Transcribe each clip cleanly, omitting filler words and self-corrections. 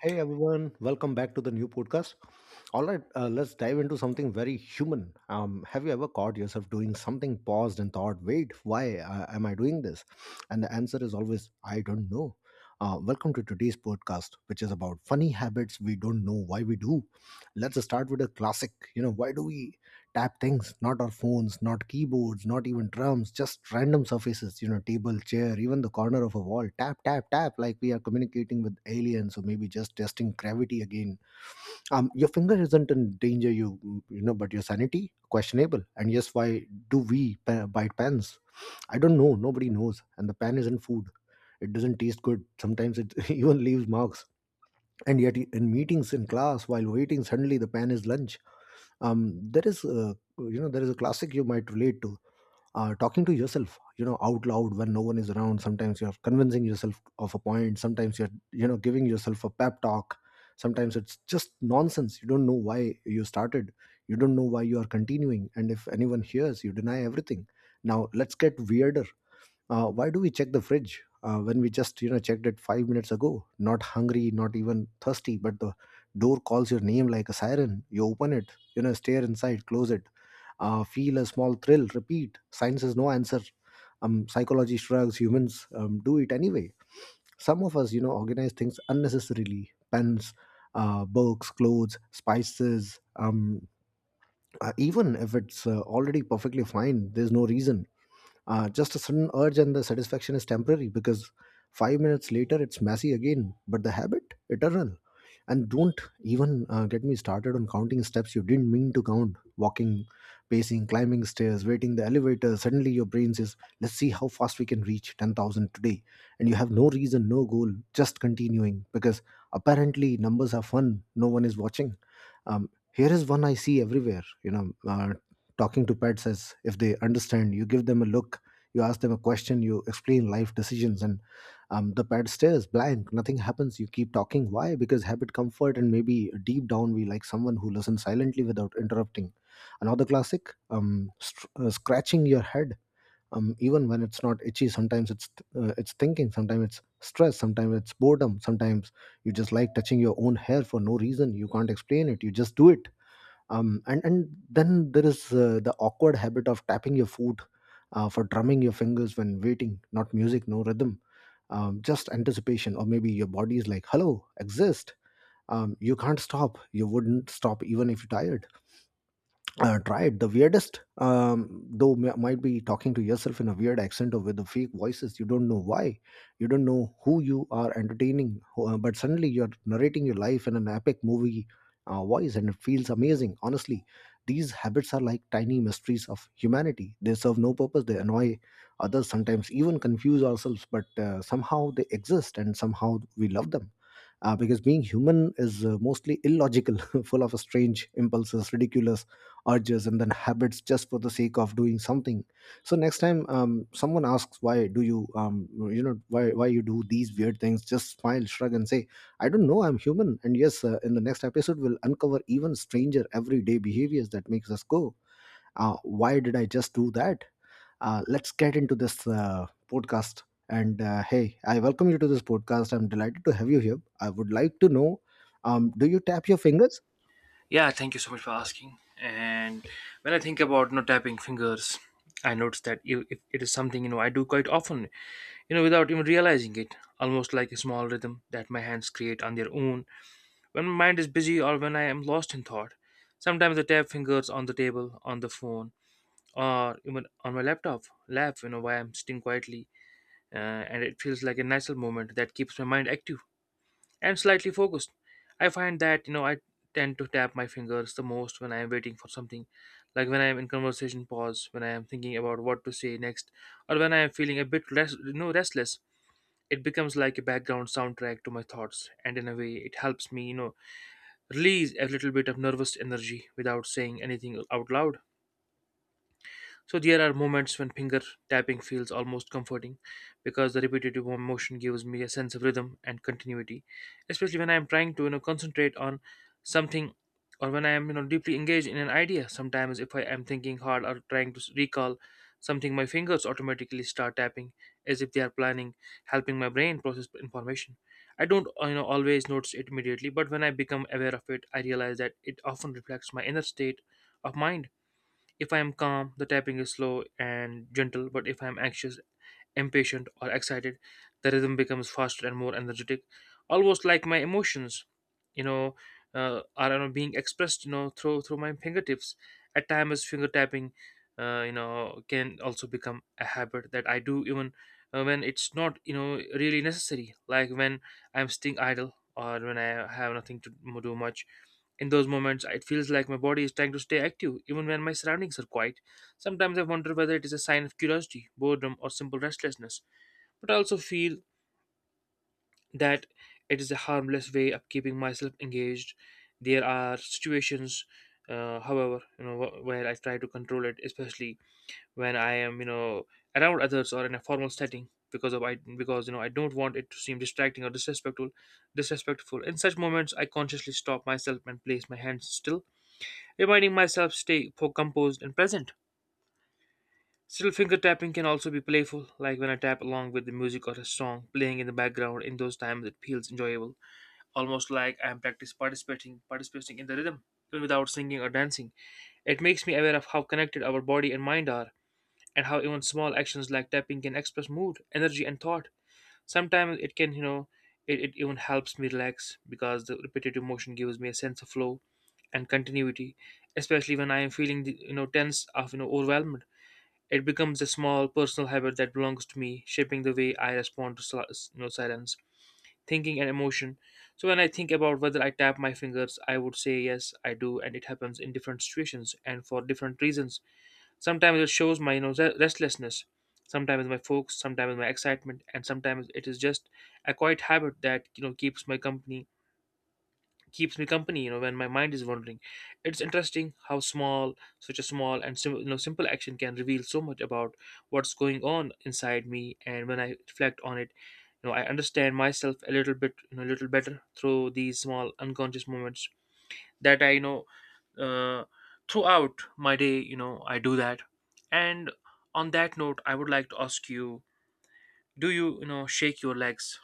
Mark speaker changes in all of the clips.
Speaker 1: Hey everyone, welcome back to the new podcast. All right, let's dive into something very human. Have you ever caught yourself doing something, paused and thought, wait, why am I doing this? And the answer is always, I don't know. Welcome to today's podcast, which is about funny habits we don't know why we do. Let's start with a classic. Why do we tap things? Not our phones, not keyboards, not even drums, just random surfaces, you know, table, chair, even the corner of a wall. Tap, tap, tap, like we are communicating with aliens, or maybe just testing gravity again. Your finger isn't in danger, you know, but your sanity, questionable. And yes, why do we bite pens? I don't know, nobody knows. And the pen isn't food, it doesn't taste good, sometimes it even leaves marks. And yet in meetings, in class, while waiting, suddenly the pen is lunch. There is a, there is a classic you might relate to. Talking to yourself, you know, out loud when no one is around. Sometimes you're convincing yourself of a point, sometimes you're, you know, giving yourself a pep talk, sometimes it's just nonsense. You don't know why you started, you don't know why you are continuing, and if anyone hears you, deny everything. Now let's get weirder. Why do we check the fridge when we just, you know, checked it 5 minutes ago? Not hungry, not even thirsty, but the door calls your name like a siren. You open it, you know, stare inside, close it, feel a small thrill, repeat. Science has no answer, psychology shrugs, humans do it anyway. Some of us, you know, organize things unnecessarily. Pens, books, clothes, spices, even if it's already perfectly fine. There's no reason, just a sudden urge, and the satisfaction is temporary, because 5 minutes later it's messy again, but the habit, eternal. And don't even get me started on counting steps you didn't mean to count. Walking, pacing, climbing stairs, waiting the elevator, suddenly your brain says, let's see how fast we can reach 10,000 today. And you have no reason, no goal, just continuing, because apparently numbers are fun, no one is watching. Here is one I see everywhere, you know, talking to pets as if they understand. You give them a look, you ask them a question, you explain life decisions, and the pad stares blank, nothing happens. You keep talking. Why? Because habit, comfort, and maybe deep down we like someone who listens silently without interrupting. Another classic, str scratching your head even when it's not itchy. Sometimes it's thinking, sometimes it's stress, sometimes it's boredom, sometimes you just like touching your own hair for no reason. You can't explain it, you just do it. And then there is the awkward habit of tapping your foot, for drumming your fingers when waiting. Not music, no rhythm, just anticipation. Or maybe your body is like, hello, exist. You can't stop, you wouldn't stop even if you're tired. Try it. The weirdest, though, might be talking to yourself in a weird accent or with the fake voices. You don't know why, you don't know who you are entertaining, but suddenly you're narrating your life in an epic movie voice, and it feels amazing. Honestly, these habits are like tiny mysteries of humanity. They serve no purpose, they annoy others, sometimes even confuse ourselves, but somehow they exist, and somehow we love them, because being human is mostly illogical, full of strange impulses, ridiculous urges, and then habits just for the sake of doing something. So next time someone asks, why do you you know why you do these weird things, just smile, shrug, and say, I don't know, I'm human. And yes, in the next episode we'll uncover even stranger everyday behaviors that makes us go, why did I just do that? Let's get into this podcast. And hey, I welcome you to this podcast. I'm delighted to have you here. I would like to know, do you tap your fingers?
Speaker 2: Yeah, thank you so much for asking. And when I think about tapping fingers, I notice that if it is something I do quite often, without even realizing it, almost like a small rhythm that my hands create on their own when my mind is busy or when I am lost in thought. Sometimes I tap fingers on the table, on the phone, or even on my laptop, lap, while I'm sitting quietly, uh, and it feels like a natural moment that keeps my mind active and slightly focused. I find that I tend to tap my fingers the most when I am waiting for something, like when I am in conversation pause, when I am thinking about what to say next, or when I am feeling a bit rest, restless. It becomes like a background soundtrack to my thoughts, and in a way, it helps me release a little bit of nervous energy without saying anything out loud. So there are moments when finger tapping feels almost comforting because the repetitive motion gives me a sense of rhythm and continuity, especially when I am trying to concentrate on something or when I am deeply engaged in an idea. Sometimes if I am thinking hard or trying to recall something, my fingers automatically start tapping as if they are planning, helping my brain process information. I don't always notice it immediately, but when I become aware of it, I realize that it often reflects my inner state of mind. If I am calm, the tapping is slow and gentle, but if I am anxious, impatient, or excited, the rhythm becomes faster and more energetic, almost like my emotions, you know, are being expressed, through my fingertips. At times, finger tapping, can also become a habit that I do even when it's not, really necessary. Like when I'm sitting idle or when I have nothing to do much. In those moments, it feels like my body is trying to stay active, even when my surroundings are quiet. Sometimes I wonder whether it is a sign of curiosity, boredom, or simple restlessness, but I also feel that it is a harmless way of keeping myself engaged. There are situations, however, where I try to control it, especially when I am, around others or in a formal setting, because of I because you know I don't want it to seem distracting or disrespectful. In such moments, I consciously stop myself and place my hands still, reminding myself stay composed and present. Still, finger tapping can also be playful, like when I tap along with the music or a song playing in the background. In those times, it feels enjoyable, almost like I am participating in the rhythm, even without singing or dancing. It makes me aware of how connected our body and mind are, and how even small actions like tapping can express mood, energy, and thought. Sometimes it can, it even helps me relax because the repetitive motion gives me a sense of flow and continuity, especially when I am feeling, tense of overwhelmed. It becomes a small personal habit that belongs to me, shaping the way I respond to silence, thinking, and emotion. So when I think about whether I tap my fingers, I would say yes, I do, and it happens in different situations and for different reasons. Sometimes it shows my restlessness, sometimes my focus, sometimes my excitement, and sometimes it is just a quiet habit that keeps my company keeps me company when my mind is wandering. It's interesting how small such a small and simple action can reveal so much about what's going on inside me, and when I reflect on it, I understand myself a little bit you know a little better through these small unconscious moments that I uh, throughout my day, I do that. And on that note, I would like to ask you, do you you know shake your legs?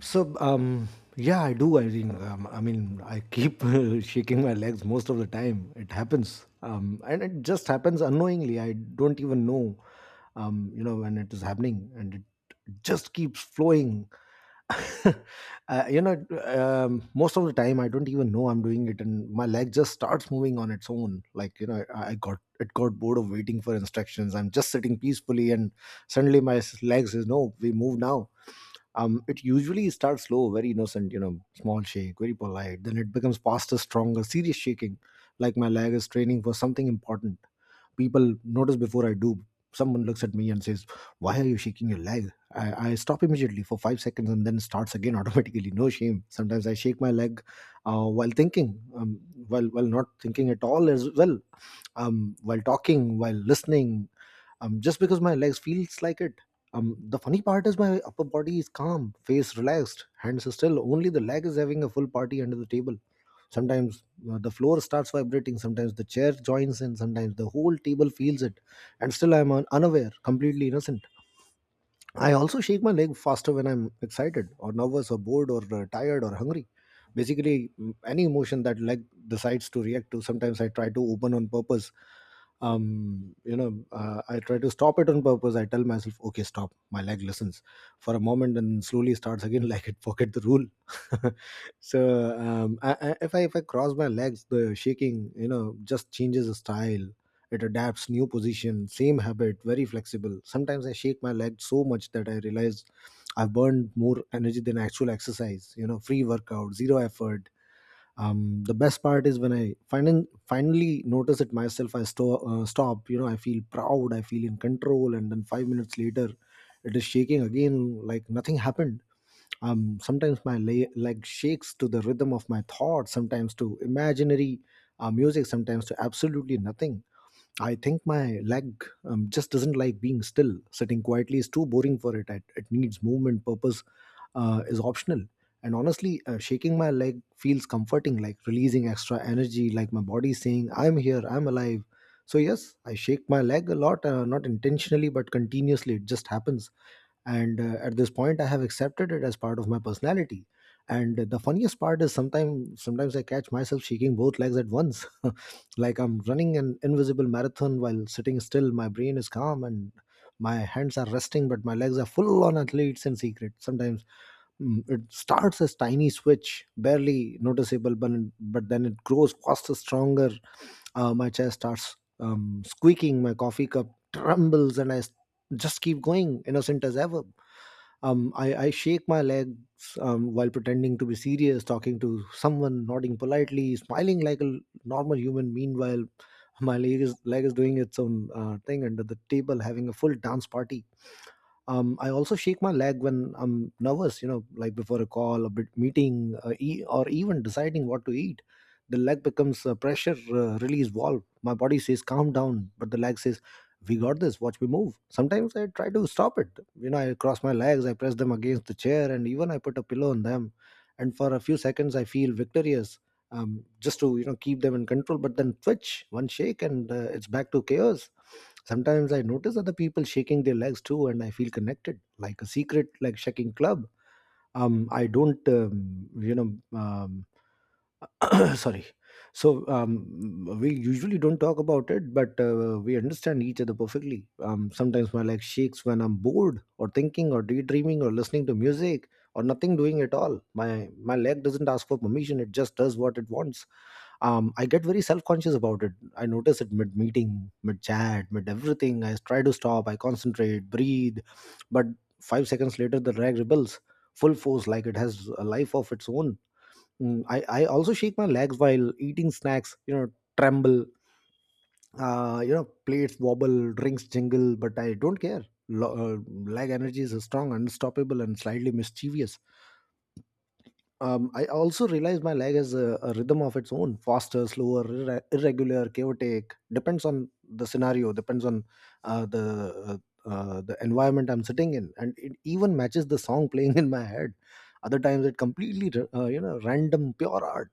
Speaker 1: So, yeah, I do. I keep shaking my legs most of the time. It happens, and it just happens unknowingly. I don't even know you know when it is happening, and it just keeps flowing. uh, Most of the time I don't even know I'm doing it, and my leg just starts moving on its own. Like, you know, I got bored of waiting for instructions. I'm just sitting peacefully, and suddenly my leg says, no, we move now. It usually starts slow, very innocent, you know, small shake, very polite. Then it becomes faster, stronger, serious shaking, like my leg is training for something important. People notice before I do. Someone looks at me and says, why are you shaking your leg? I stop immediately for 5 seconds, and then starts again automatically. No shame. Sometimes I shake my leg while thinking, while not thinking at all as well, while talking, while listening, just because my legs feels like it. The funny part is my upper body is calm, face relaxed, hands are still. Only the leg is having a full party under the table. Sometimes the floor starts vibrating, sometimes the chair joins in, sometimes the whole table feels it, and still I am unaware, completely innocent. I also shake my leg faster when I'm excited, or nervous, or bored, or tired, or hungry. Basically, any emotion that leg decides to react to. Sometimes I try to open on purpose. I try to stop it on purpose. I tell myself, okay, stop. My leg listens for a moment and slowly starts again, like it forget the rule. So, if I cross my legs, the shaking, you know, just changes the style. It adapts new position, same habit, very flexible. Sometimes I shake my leg so much that I realize I've burned more energy than actual exercise. You know, free workout, zero effort. The best part is when I finally notice it myself. I stop. You know, I feel proud, I feel in control. And then 5 minutes later, it is shaking again like nothing happened. Sometimes my leg shakes to the rhythm of my thoughts. Sometimes to imaginary music. Sometimes to absolutely nothing. I think my leg just doesn't like being still. Sitting quietly is too boring for it. It needs movement. Purpose is optional. And honestly, shaking my leg feels comforting, like releasing extra energy, like my body saying, I'm here, I'm alive. So yes, I shake my leg a lot, not intentionally, but continuously. It just happens. And at this point, I have accepted it as part of my personality. And the funniest part is, sometimes I catch myself shaking both legs at once, like I'm running an invisible marathon while sitting still. My brain is calm and my hands are resting, but my legs are full on athletes in secret. Sometimes it starts as tiny switch, barely noticeable, but then it grows faster, stronger. My chair starts squeaking, my coffee cup trembles, and just keep going, innocent as ever. I shake my legs while pretending to be serious, talking to someone, nodding politely, smiling like a normal human. Meanwhile, my leg is doing its own thing under the table, having a full dance party. I also shake my leg when I'm nervous, you know, like before a call, a bit meeting, or even deciding what to eat. The leg becomes a pressure release valve. My body says, calm down, but the leg says, we got this, watch me move. Sometimes I try to stop it. You know, I cross my legs, I press them against the chair, and even I put a pillow on them. And for a few seconds, I feel victorious, just to, you know, keep them in control. But then twitch, one shake, and it's back to chaos. Sometimes I notice other people shaking their legs too, and I feel connected, like a secret like shaking club. I don't, you know, Sorry. So, we usually don't talk about it, but we understand each other perfectly. Sometimes my leg shakes when I'm bored, or thinking, or daydreaming, or listening to music, or nothing doing at all. My leg doesn't ask for permission; it just does what it wants. I get very self conscious about it. I notice it mid meeting, mid chat, mid everything. I try to stop, I concentrate, breathe. But 5 seconds later, the rag rebels full force like it has a life of its own. I also shake my legs while eating snacks, tremble, plates wobble, drinks jingle, but I don't care. Lag energy is strong, unstoppable, and slightly mischievous. I also realize my leg has a rhythm of its own, faster, slower, irregular, chaotic. Depends on the scenario, depends on uh, the the environment I'm sitting in, and it even matches the song playing in my head. Other times, it completely random, pure art.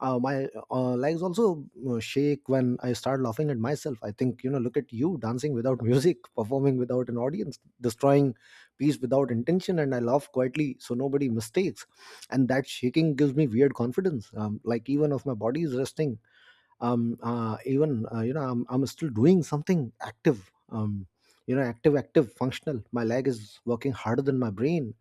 Speaker 1: My legs also shake when I start laughing at myself. I think, look at you dancing without music, performing without an audience, destroying peace without intention, and I laugh quietly so nobody mistakes, and that shaking gives me weird confidence, like even if my body is resting even you know I'm still doing something active. Active, active, functional. My leg is working harder than my brain.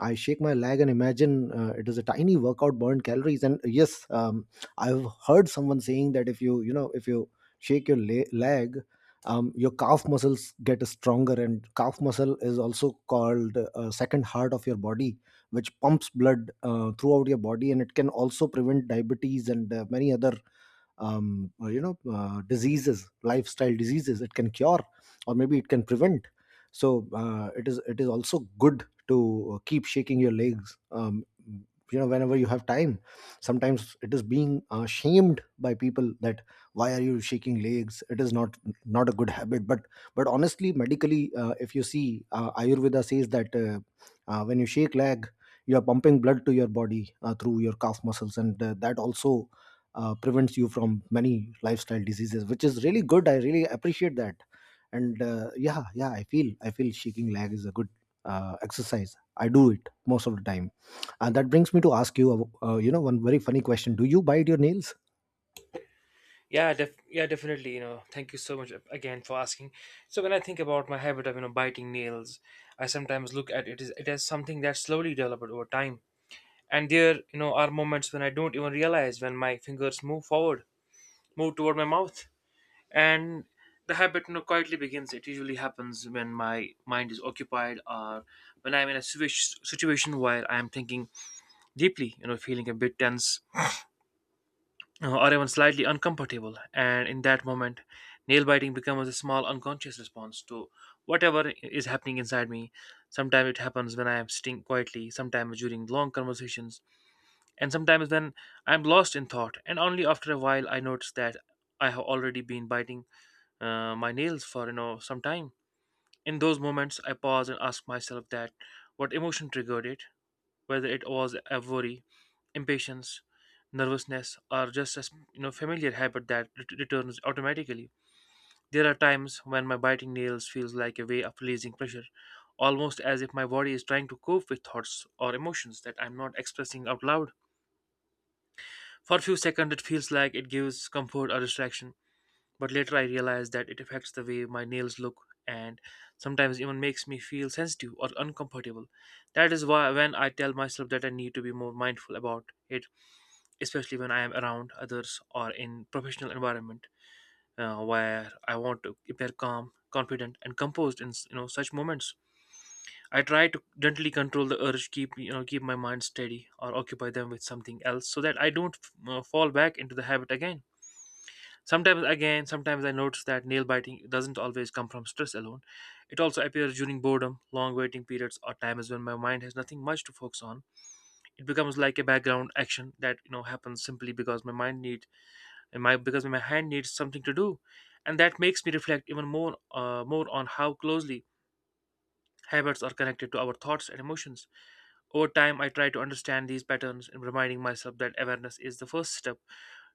Speaker 1: I shake my leg and imagine it is a tiny workout, burned calories. And yes, I've heard someone saying that if you, you know if you shake your leg, your calf muscles get stronger, and calf muscle is also called second heart of your body, which pumps blood throughout your body, and it can also prevent diabetes and many other diseases, lifestyle diseases it can cure, or maybe it can prevent. So it is also good to keep shaking your legs whenever you have time. Sometimes it is being shamed by people that, why are you shaking legs, it is not a good habit. But honestly, medically, if you see, ayurveda says that when you shake leg, you are pumping blood to your body through your calf muscles, and that also prevents you from many lifestyle diseases, which is really good. I really appreciate that. And yeah, yeah, I feel shaking leg is a good exercise. I do it most of the time. And that brings me to ask you, you know one very funny question, do you bite your nails?
Speaker 2: Yeah, definitely. You know, thank you so much again for asking. So when I think about my habit of biting nails, I sometimes look at it as something that slowly developed over time. And there are moments when I don't even realize when my fingers move move toward my mouth, and the habit quietly begins. It usually happens when my mind is occupied or when I'm in a situation where I'm thinking deeply. You know, feeling a bit tense or even slightly uncomfortable, and in that moment, nail biting becomes a small unconscious response to whatever is happening inside me. Sometimes it happens when I am sitting quietly, sometimes during long conversations, and sometimes when I am lost in thought. And only after a while, I notice that I have already been biting my nails for some time. In those moments, I pause and ask myself that what emotion triggered it, whether it was a worry, impatience, nervousness, are just as familiar habit that returns automatically. There are times when my biting nails feels like a way of releasing pressure, almost as if my body is trying to cope with thoughts or emotions that I'm not expressing out loud. For a few seconds, it feels like it gives comfort or distraction, but later I realize that it affects the way my nails look and sometimes even makes me feel sensitive or uncomfortable. That is why when I tell myself that I need to be more mindful about it, especially when I am around others or in professional environment, where I want to appear calm, confident, and composed in such moments. I try to gently control the urge, keep you know keep my mind steady, or occupy them with something else, so that I don't fall back into the habit again. Sometimes I notice that nail biting doesn't always come from stress alone. It also appears during boredom, long waiting periods, or times when my mind has nothing much to focus on. It becomes like a background action that happens simply because my hand needs something to do, and that makes me reflect even more on how closely habits are connected to our thoughts and emotions. Over time, I try to understand these patterns and reminding myself that awareness is the first step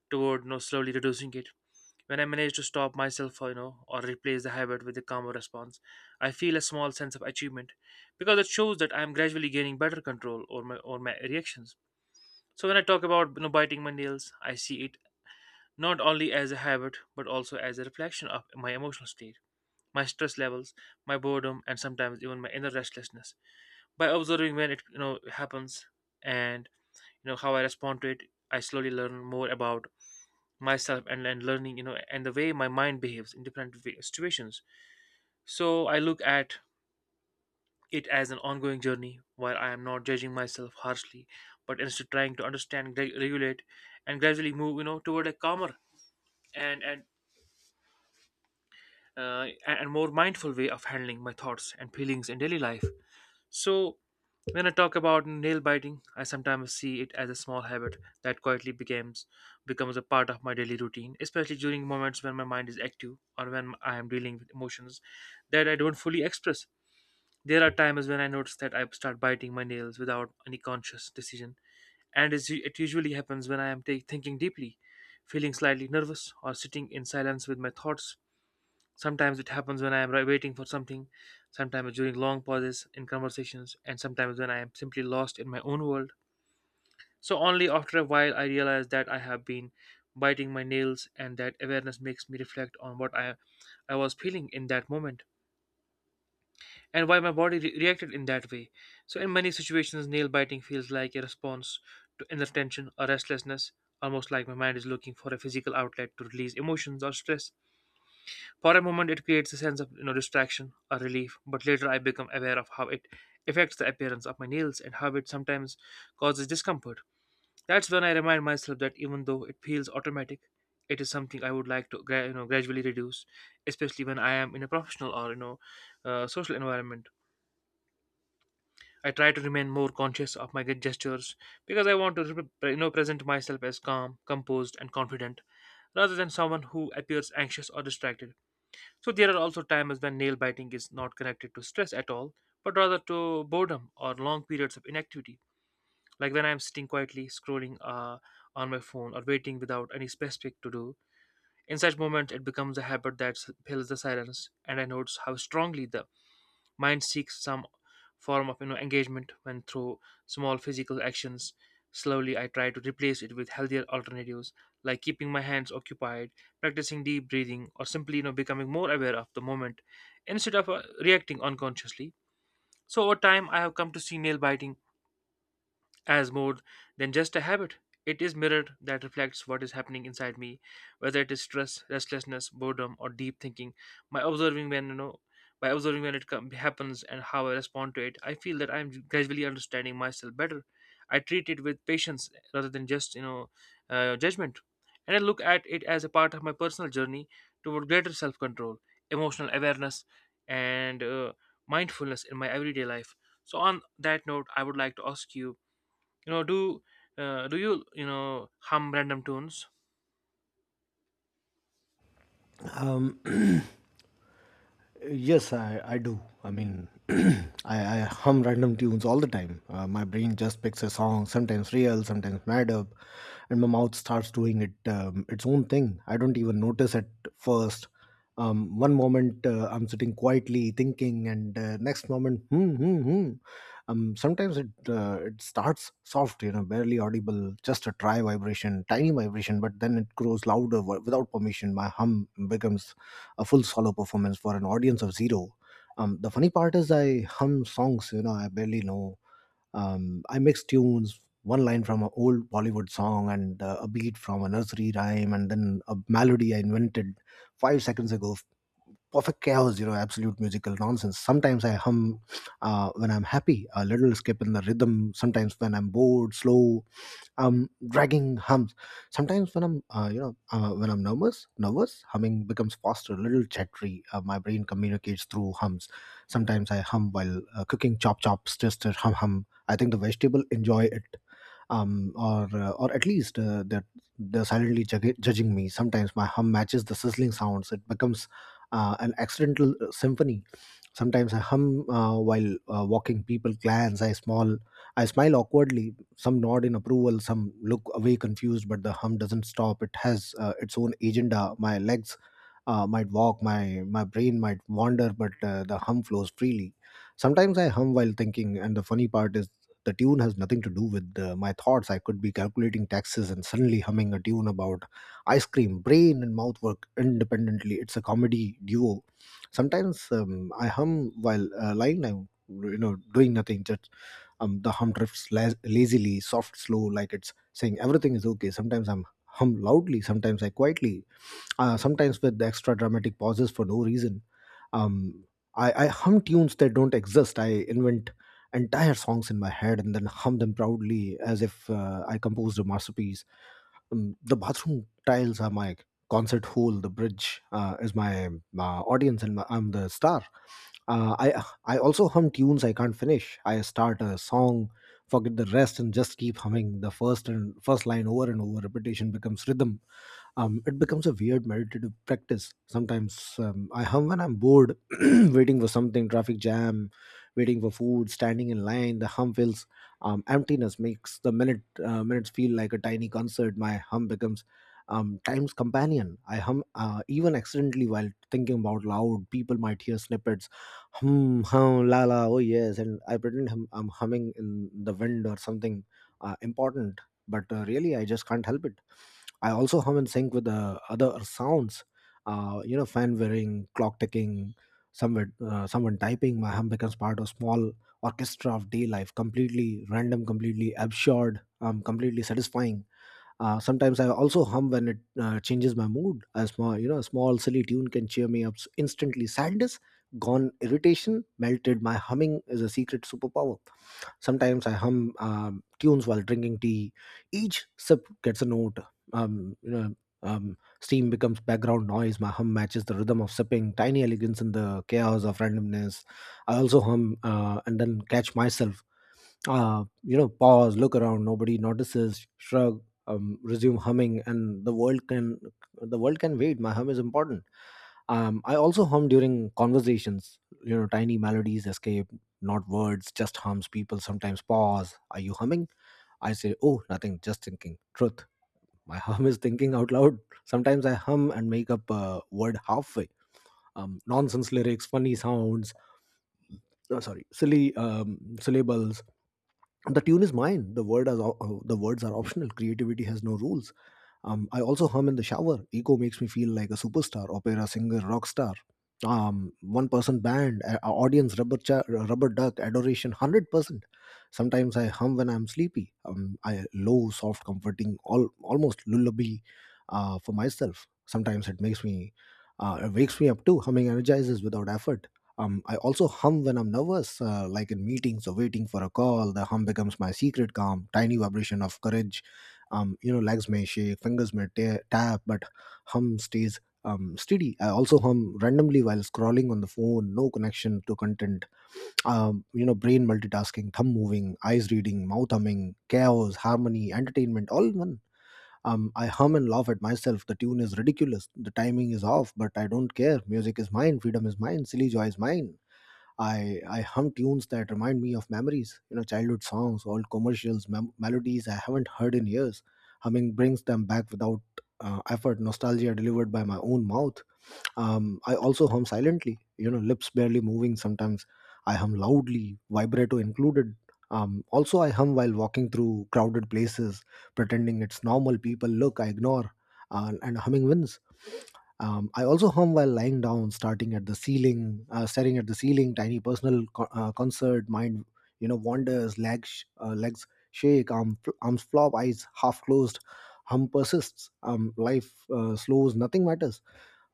Speaker 2: toward, slowly reducing it. When I manage to stop myself, or replace the habit with a calmer response, I feel a small sense of achievement because it shows that I am gradually gaining better control over over my reactions. So when I talk about, biting my nails, I see it not only as a habit but also as a reflection of my emotional state, my stress levels, my boredom, and sometimes even my inner restlessness. By observing when it you know happens and how I respond to it, I slowly learn more about myself and learning, and the way my mind behaves in different situations. So I look at it as an ongoing journey where I am not judging myself harshly, but instead trying to understand, regulate, and gradually move, toward a calmer and and more mindful way of handling my thoughts and feelings in daily life. So, when I talk about nail biting, I sometimes see it as a small habit that quietly becomes becomes a part of my daily routine, especially during moments when my mind is active or when I am dealing with emotions that I don't fully express. There are times when I notice that I start biting my nails without any conscious decision, and it usually happens when I am thinking deeply, feeling slightly nervous, or sitting in silence with my thoughts. Sometimes it happens when I am waiting for something, sometimes during long pauses in conversations, and sometimes when I am simply lost in my own world. So, only after a while, I realize that I have been biting my nails, and that awareness makes me reflect on what I was feeling in that moment and why my body reacted in that way. So, in many situations, nail biting feels like a response to inner tension or restlessness, almost like my mind is looking for a physical outlet to release emotions or stress. For a moment, it creates a sense of, distraction or relief, but later I become aware of how it affects the appearance of my nails and how it sometimes causes discomfort. That's when I remind myself that even though it feels automatic, it is something I would like to gradually reduce, especially when I am in a professional or social environment. I try to remain more conscious of my gestures because I want to present myself as calm, composed, and confident rather than someone who appears anxious or distracted. So there are also times when nail biting is not connected to stress at all, but rather to boredom or long periods of inactivity, like when I am sitting quietly scrolling on my phone or waiting without any specific to do. In such moments, it becomes a habit that fills the silence, and I notice how strongly the mind seeks some form of engagement when through small physical actions. Slowly, I try to replace it with healthier alternatives like keeping my hands occupied, practicing deep breathing, or simply becoming more aware of the moment instead of reacting unconsciously. So over time, I have come to see nail biting as more than just a habit. It is mirror that reflects what is happening inside me, whether it is stress, restlessness, boredom, or deep thinking. By observing when you know, by observing when it happens and how I respond to it, I feel that I am gradually understanding myself better. I treat it with patience rather than just judgment, and I look at it as a part of my personal journey toward greater self-control, emotional awareness, and mindfulness in my everyday life. So on that note, I would like to ask you, you know do do you you know hum random tunes?
Speaker 1: Um, Yes, I do. I mean, I hum random tunes all the time. My brain just picks a song, sometimes real, sometimes mad up, and my mouth starts doing it its own thing. I don't even notice at first. One moment I'm sitting quietly thinking, and next moment, hmm, hmm, hmm. Sometimes it starts soft, barely audible, just a dry vibration, tiny vibration, but then it grows louder without permission. My hum becomes a full solo performance for an audience of zero. The funny part is I hum songs, I barely know. I mix tunes, one line from an old Bollywood song and a beat from a nursery rhyme and then a melody I invented 5 seconds ago. Perfect chaos, you know, absolute musical nonsense. Sometimes I hum when I'm happy, a little skip in the rhythm. Sometimes when I'm bored, slow, dragging hums. Sometimes when I'm when I'm nervous, humming becomes faster, a little chattery. My brain communicates through hums. Sometimes I hum while cooking, chop chop, stir stir, hum hum. I think the vegetable enjoy it, or at least that they're silently judging me. Sometimes my hum matches the sizzling sounds. It becomes an accidental symphony. Sometimes I hum while walking. People glance. I small. I smile awkwardly. Some nod in approval. Some look away confused. But the hum doesn't stop. It has its own agenda. My legs might walk. My brain might wander. But the hum flows freely. Sometimes I hum while thinking, and the funny part is the tune has nothing to do with my thoughts. I could be calculating taxes and suddenly humming a tune about ice cream. Brain and mouth work independently. It's a comedy duo. Sometimes I hum while lying down, doing nothing. Just the hum drifts lazily, soft, slow, like it's saying everything is okay. Sometimes I'm hum loudly. Sometimes I quietly. Sometimes with extra dramatic pauses for no reason. um I hum tunes that don't exist. I invent entire songs in my head and then hum them proudly as if I composed a masterpiece. The bathroom tiles are my concert hall, the bridge is my audience, and I'm the star. I also hum tunes I can't finish. I start a song, forget the rest, and just keep humming the first line over and over. Repetition becomes rhythm. It becomes a weird meditative practice. Sometimes I hum when I'm bored, waiting for something, traffic jam, waiting for food, standing in line. The hum feels emptiness makes the minutes feel like a tiny concert. My hum becomes time's companion. I hum even accidentally while thinking about loud. People might hear snippets, hum hum la la. Oh yes, and I pretend I'm humming in the wind or something important, but really I just can't help it. I also hum in sync with the other sounds. Fan whirring, clock ticking, someone typing. My hum becomes part of small orchestra of day life. Completely random, completely absurd, completely satisfying. Sometimes I also hum when it changes my mood. A small, a small silly tune can cheer me up instantly. Sadness, gone. Irritation, melted. My humming is a secret superpower. Sometimes I hum tunes while drinking tea. Each sip gets a note. Um, you know, Steam becomes background noise. My hum matches the rhythm of sipping. Tiny elegance in the chaos of randomness. I also hum and then catch myself. Pause, look around. Nobody notices. Shrug. Resume humming, and the world can wait. My hum is important. I also hum during conversations. Tiny melodies escape, not words, just hums. People sometimes pause, are you humming? I say, oh nothing, just thinking. Truth, my hum is thinking out loud. Sometimes I hum and make up a word halfway. Nonsense lyrics, funny sounds. No, sorry, silly syllables. The tune is mine. The words are optional. Creativity has no rules. I also hum in the shower. Ego makes me feel like a superstar, opera singer, rock star. One person band, a audience, rubber duck, adoration, 100%. Sometimes I hum when I'm sleepy. I low, soft, comforting, almost lullaby for myself. Sometimes it makes me, it wakes me up too. Humming energizes without effort. I also hum when I'm nervous, like in meetings or waiting for a call. The hum becomes my secret calm, tiny vibration of courage. Legs may shake, fingers may tap, but hum stays steady. I also hum randomly while scrolling on the phone, no connection to content. Brain multitasking, thumb moving, eyes reading, mouth humming, chaos, harmony, entertainment, all in one. I hum and laugh at myself. The tune is ridiculous. The timing is off, but I don't care. Music is mine. Freedom is mine. Silly joy is mine. I hum tunes that remind me of memories, childhood songs, old commercials, melodies I haven't heard in years. Humming brings them back without effort. Nostalgia delivered by my own mouth. I also hum silently, lips barely moving. Sometimes I hum loudly, vibrato included. Also, I hum while walking through crowded places, pretending it's normal. People look, I ignore, and humming wins. I also hum while lying down, starting at the ceiling, staring at the ceiling. Tiny personal concert, mind wanders, legs shake, arms flop, eyes half closed. Hum persists. Life slows. Nothing matters.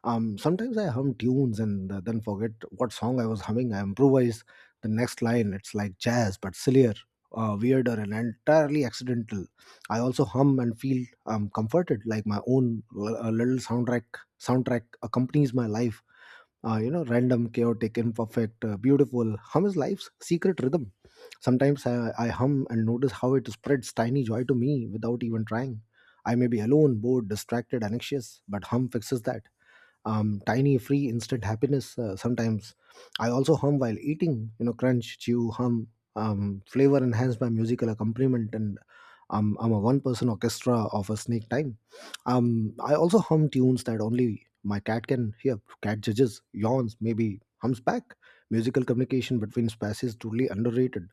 Speaker 1: Sometimes I hum tunes and then forget what song I was humming. I improvise the next line. It's like jazz, but sillier, weirder, and entirely accidental. I also hum and feel comforted, like my own little soundtrack. Soundtrack accompanies my life. Random, chaotic, imperfect, beautiful. Hum is life's secret rhythm. Sometimes I hum and notice how it spreads tiny joy to me without even trying. I may be alone, bored, distracted, anxious, but hum fixes that. Tiny free instant happiness, sometimes. I also hum while eating, crunch, chew, hum. Flavor enhanced by musical accompaniment, and I'm a one person orchestra of a snake time. I also hum tunes that only my cat can hear. Cat judges, yawns, maybe hums back. Musical communication between species, truly underrated.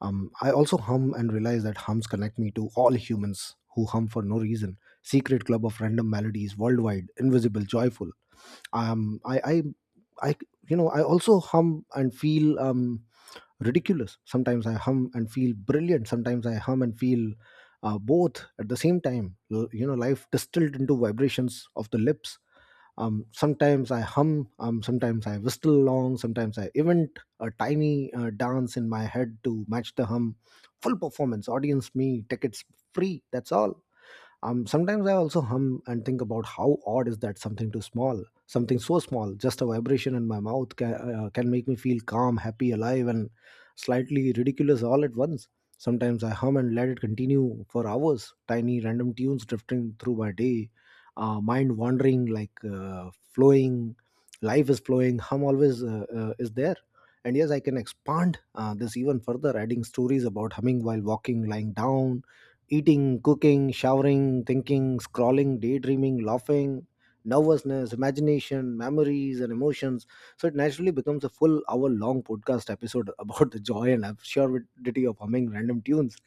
Speaker 1: I also hum and realize that hums connect me to all humans who hum for no reason. Secret club of random melodies, worldwide, invisible, joyful. Um I I I I also hum and feel ridiculous. Sometimes I hum and feel brilliant. Sometimes I hum and feel both at the same time. Life distilled into vibrations of the lips. Sometimes I hum, sometimes I whistle along, sometimes I invent a tiny dance in my head to match the hum. Full performance, audience me, tickets free, that's all. Sometimes I also hum and think about how odd is that something too small, something so small, just a vibration in my mouth can make me feel calm, happy, alive, and slightly ridiculous all at once. Sometimes I hum and let it continue for hours, tiny random tunes drifting through my day, mind wandering, like flowing, life is flowing, hum always is there. And yes, I can expand this even further, adding stories about humming while walking, lying down, eating, cooking, showering, thinking, scrolling, daydreaming, laughing, nervousness, imagination, memories, and emotions. So it naturally becomes a full hour long podcast episode about the joy and absurdity of humming random tunes.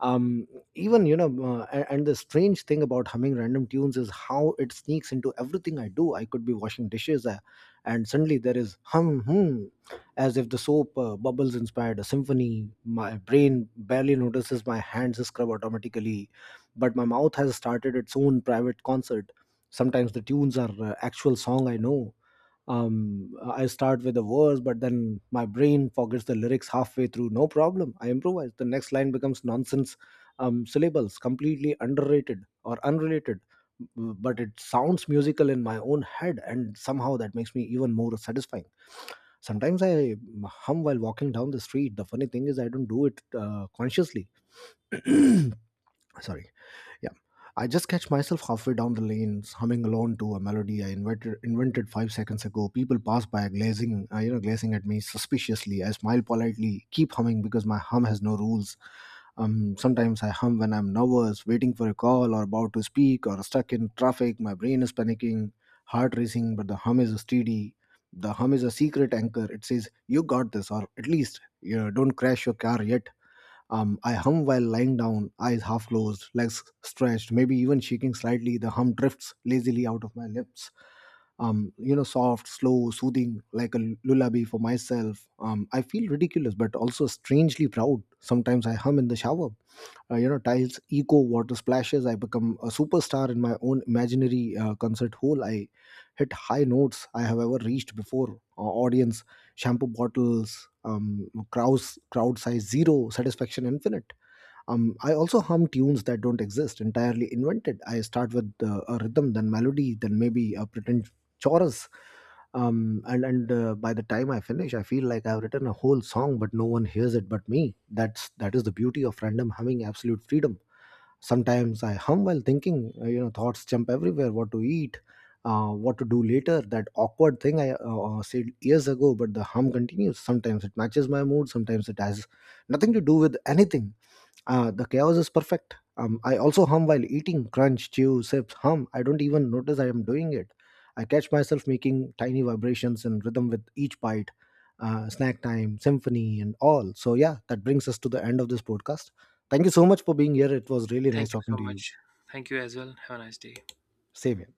Speaker 1: Um, Even, and the strange thing about humming random tunes is how it sneaks into everything I do. I could be washing dishes, and suddenly there is hum, hum, as if the soap bubbles inspired a symphony. My brain barely notices, my hands scrub automatically, but my mouth has started its own private concert. Sometimes the tunes are actual song I know. I start with a verse, but then my brain forgets the lyrics halfway through. No problem. I improvise. The next line becomes nonsense syllables, completely underrated or unrelated, but it sounds musical in my own head, and somehow that makes me even more satisfying. Sometimes I hum while walking down the street. The funny thing is, I don't do it consciously. Sorry. Yeah. I just catch myself halfway down the lanes, humming alone to a melody I invented 5 seconds ago. People pass by, glazing at me suspiciously. I smile politely, keep humming, because my hum has no rules. Sometimes I hum when I'm nervous, waiting for a call, or about to speak, or stuck in traffic. My brain is panicking, heart racing, but the hum is steady. The hum is a secret anchor. It says, "You got this," or at least, "Don't crash your car yet." I hum while lying down, eyes half closed, legs stretched, maybe even shaking slightly. The hum drifts lazily out of my lips. Soft, slow, soothing, like a lullaby for myself. I feel ridiculous, but also strangely proud. Sometimes I hum in the shower. Tiles echo, water splashes. I become a superstar in my own imaginary concert hall. I hit high notes I have ever reached before. Audience shampoo bottles, crowd size zero, satisfaction infinite. I also hum tunes that don't exist, entirely invented. I start with a rhythm, then melody, then maybe a pretend chorus. And By the time I finish, I feel like I've written a whole song, but no one hears it but me. That is the beauty of random humming, absolute freedom. Sometimes I hum while thinking. Thoughts jump everywhere: what to eat, what to do later, that awkward thing I said years ago, but the hum continues. Sometimes it matches my mood, sometimes it has nothing to do with anything. The chaos is perfect. I also hum while eating, crunch, chew, sips, hum. I don't even notice I am doing it. I catch myself making tiny vibrations in rhythm with each bite, snack time, symphony, and all. So, yeah, that brings us to the end of this podcast. Thank you so much for being here. It was really nice
Speaker 2: Thank you
Speaker 1: talking to
Speaker 2: so
Speaker 1: you.
Speaker 2: much. Thank you as well. Have a nice day.
Speaker 1: Same here.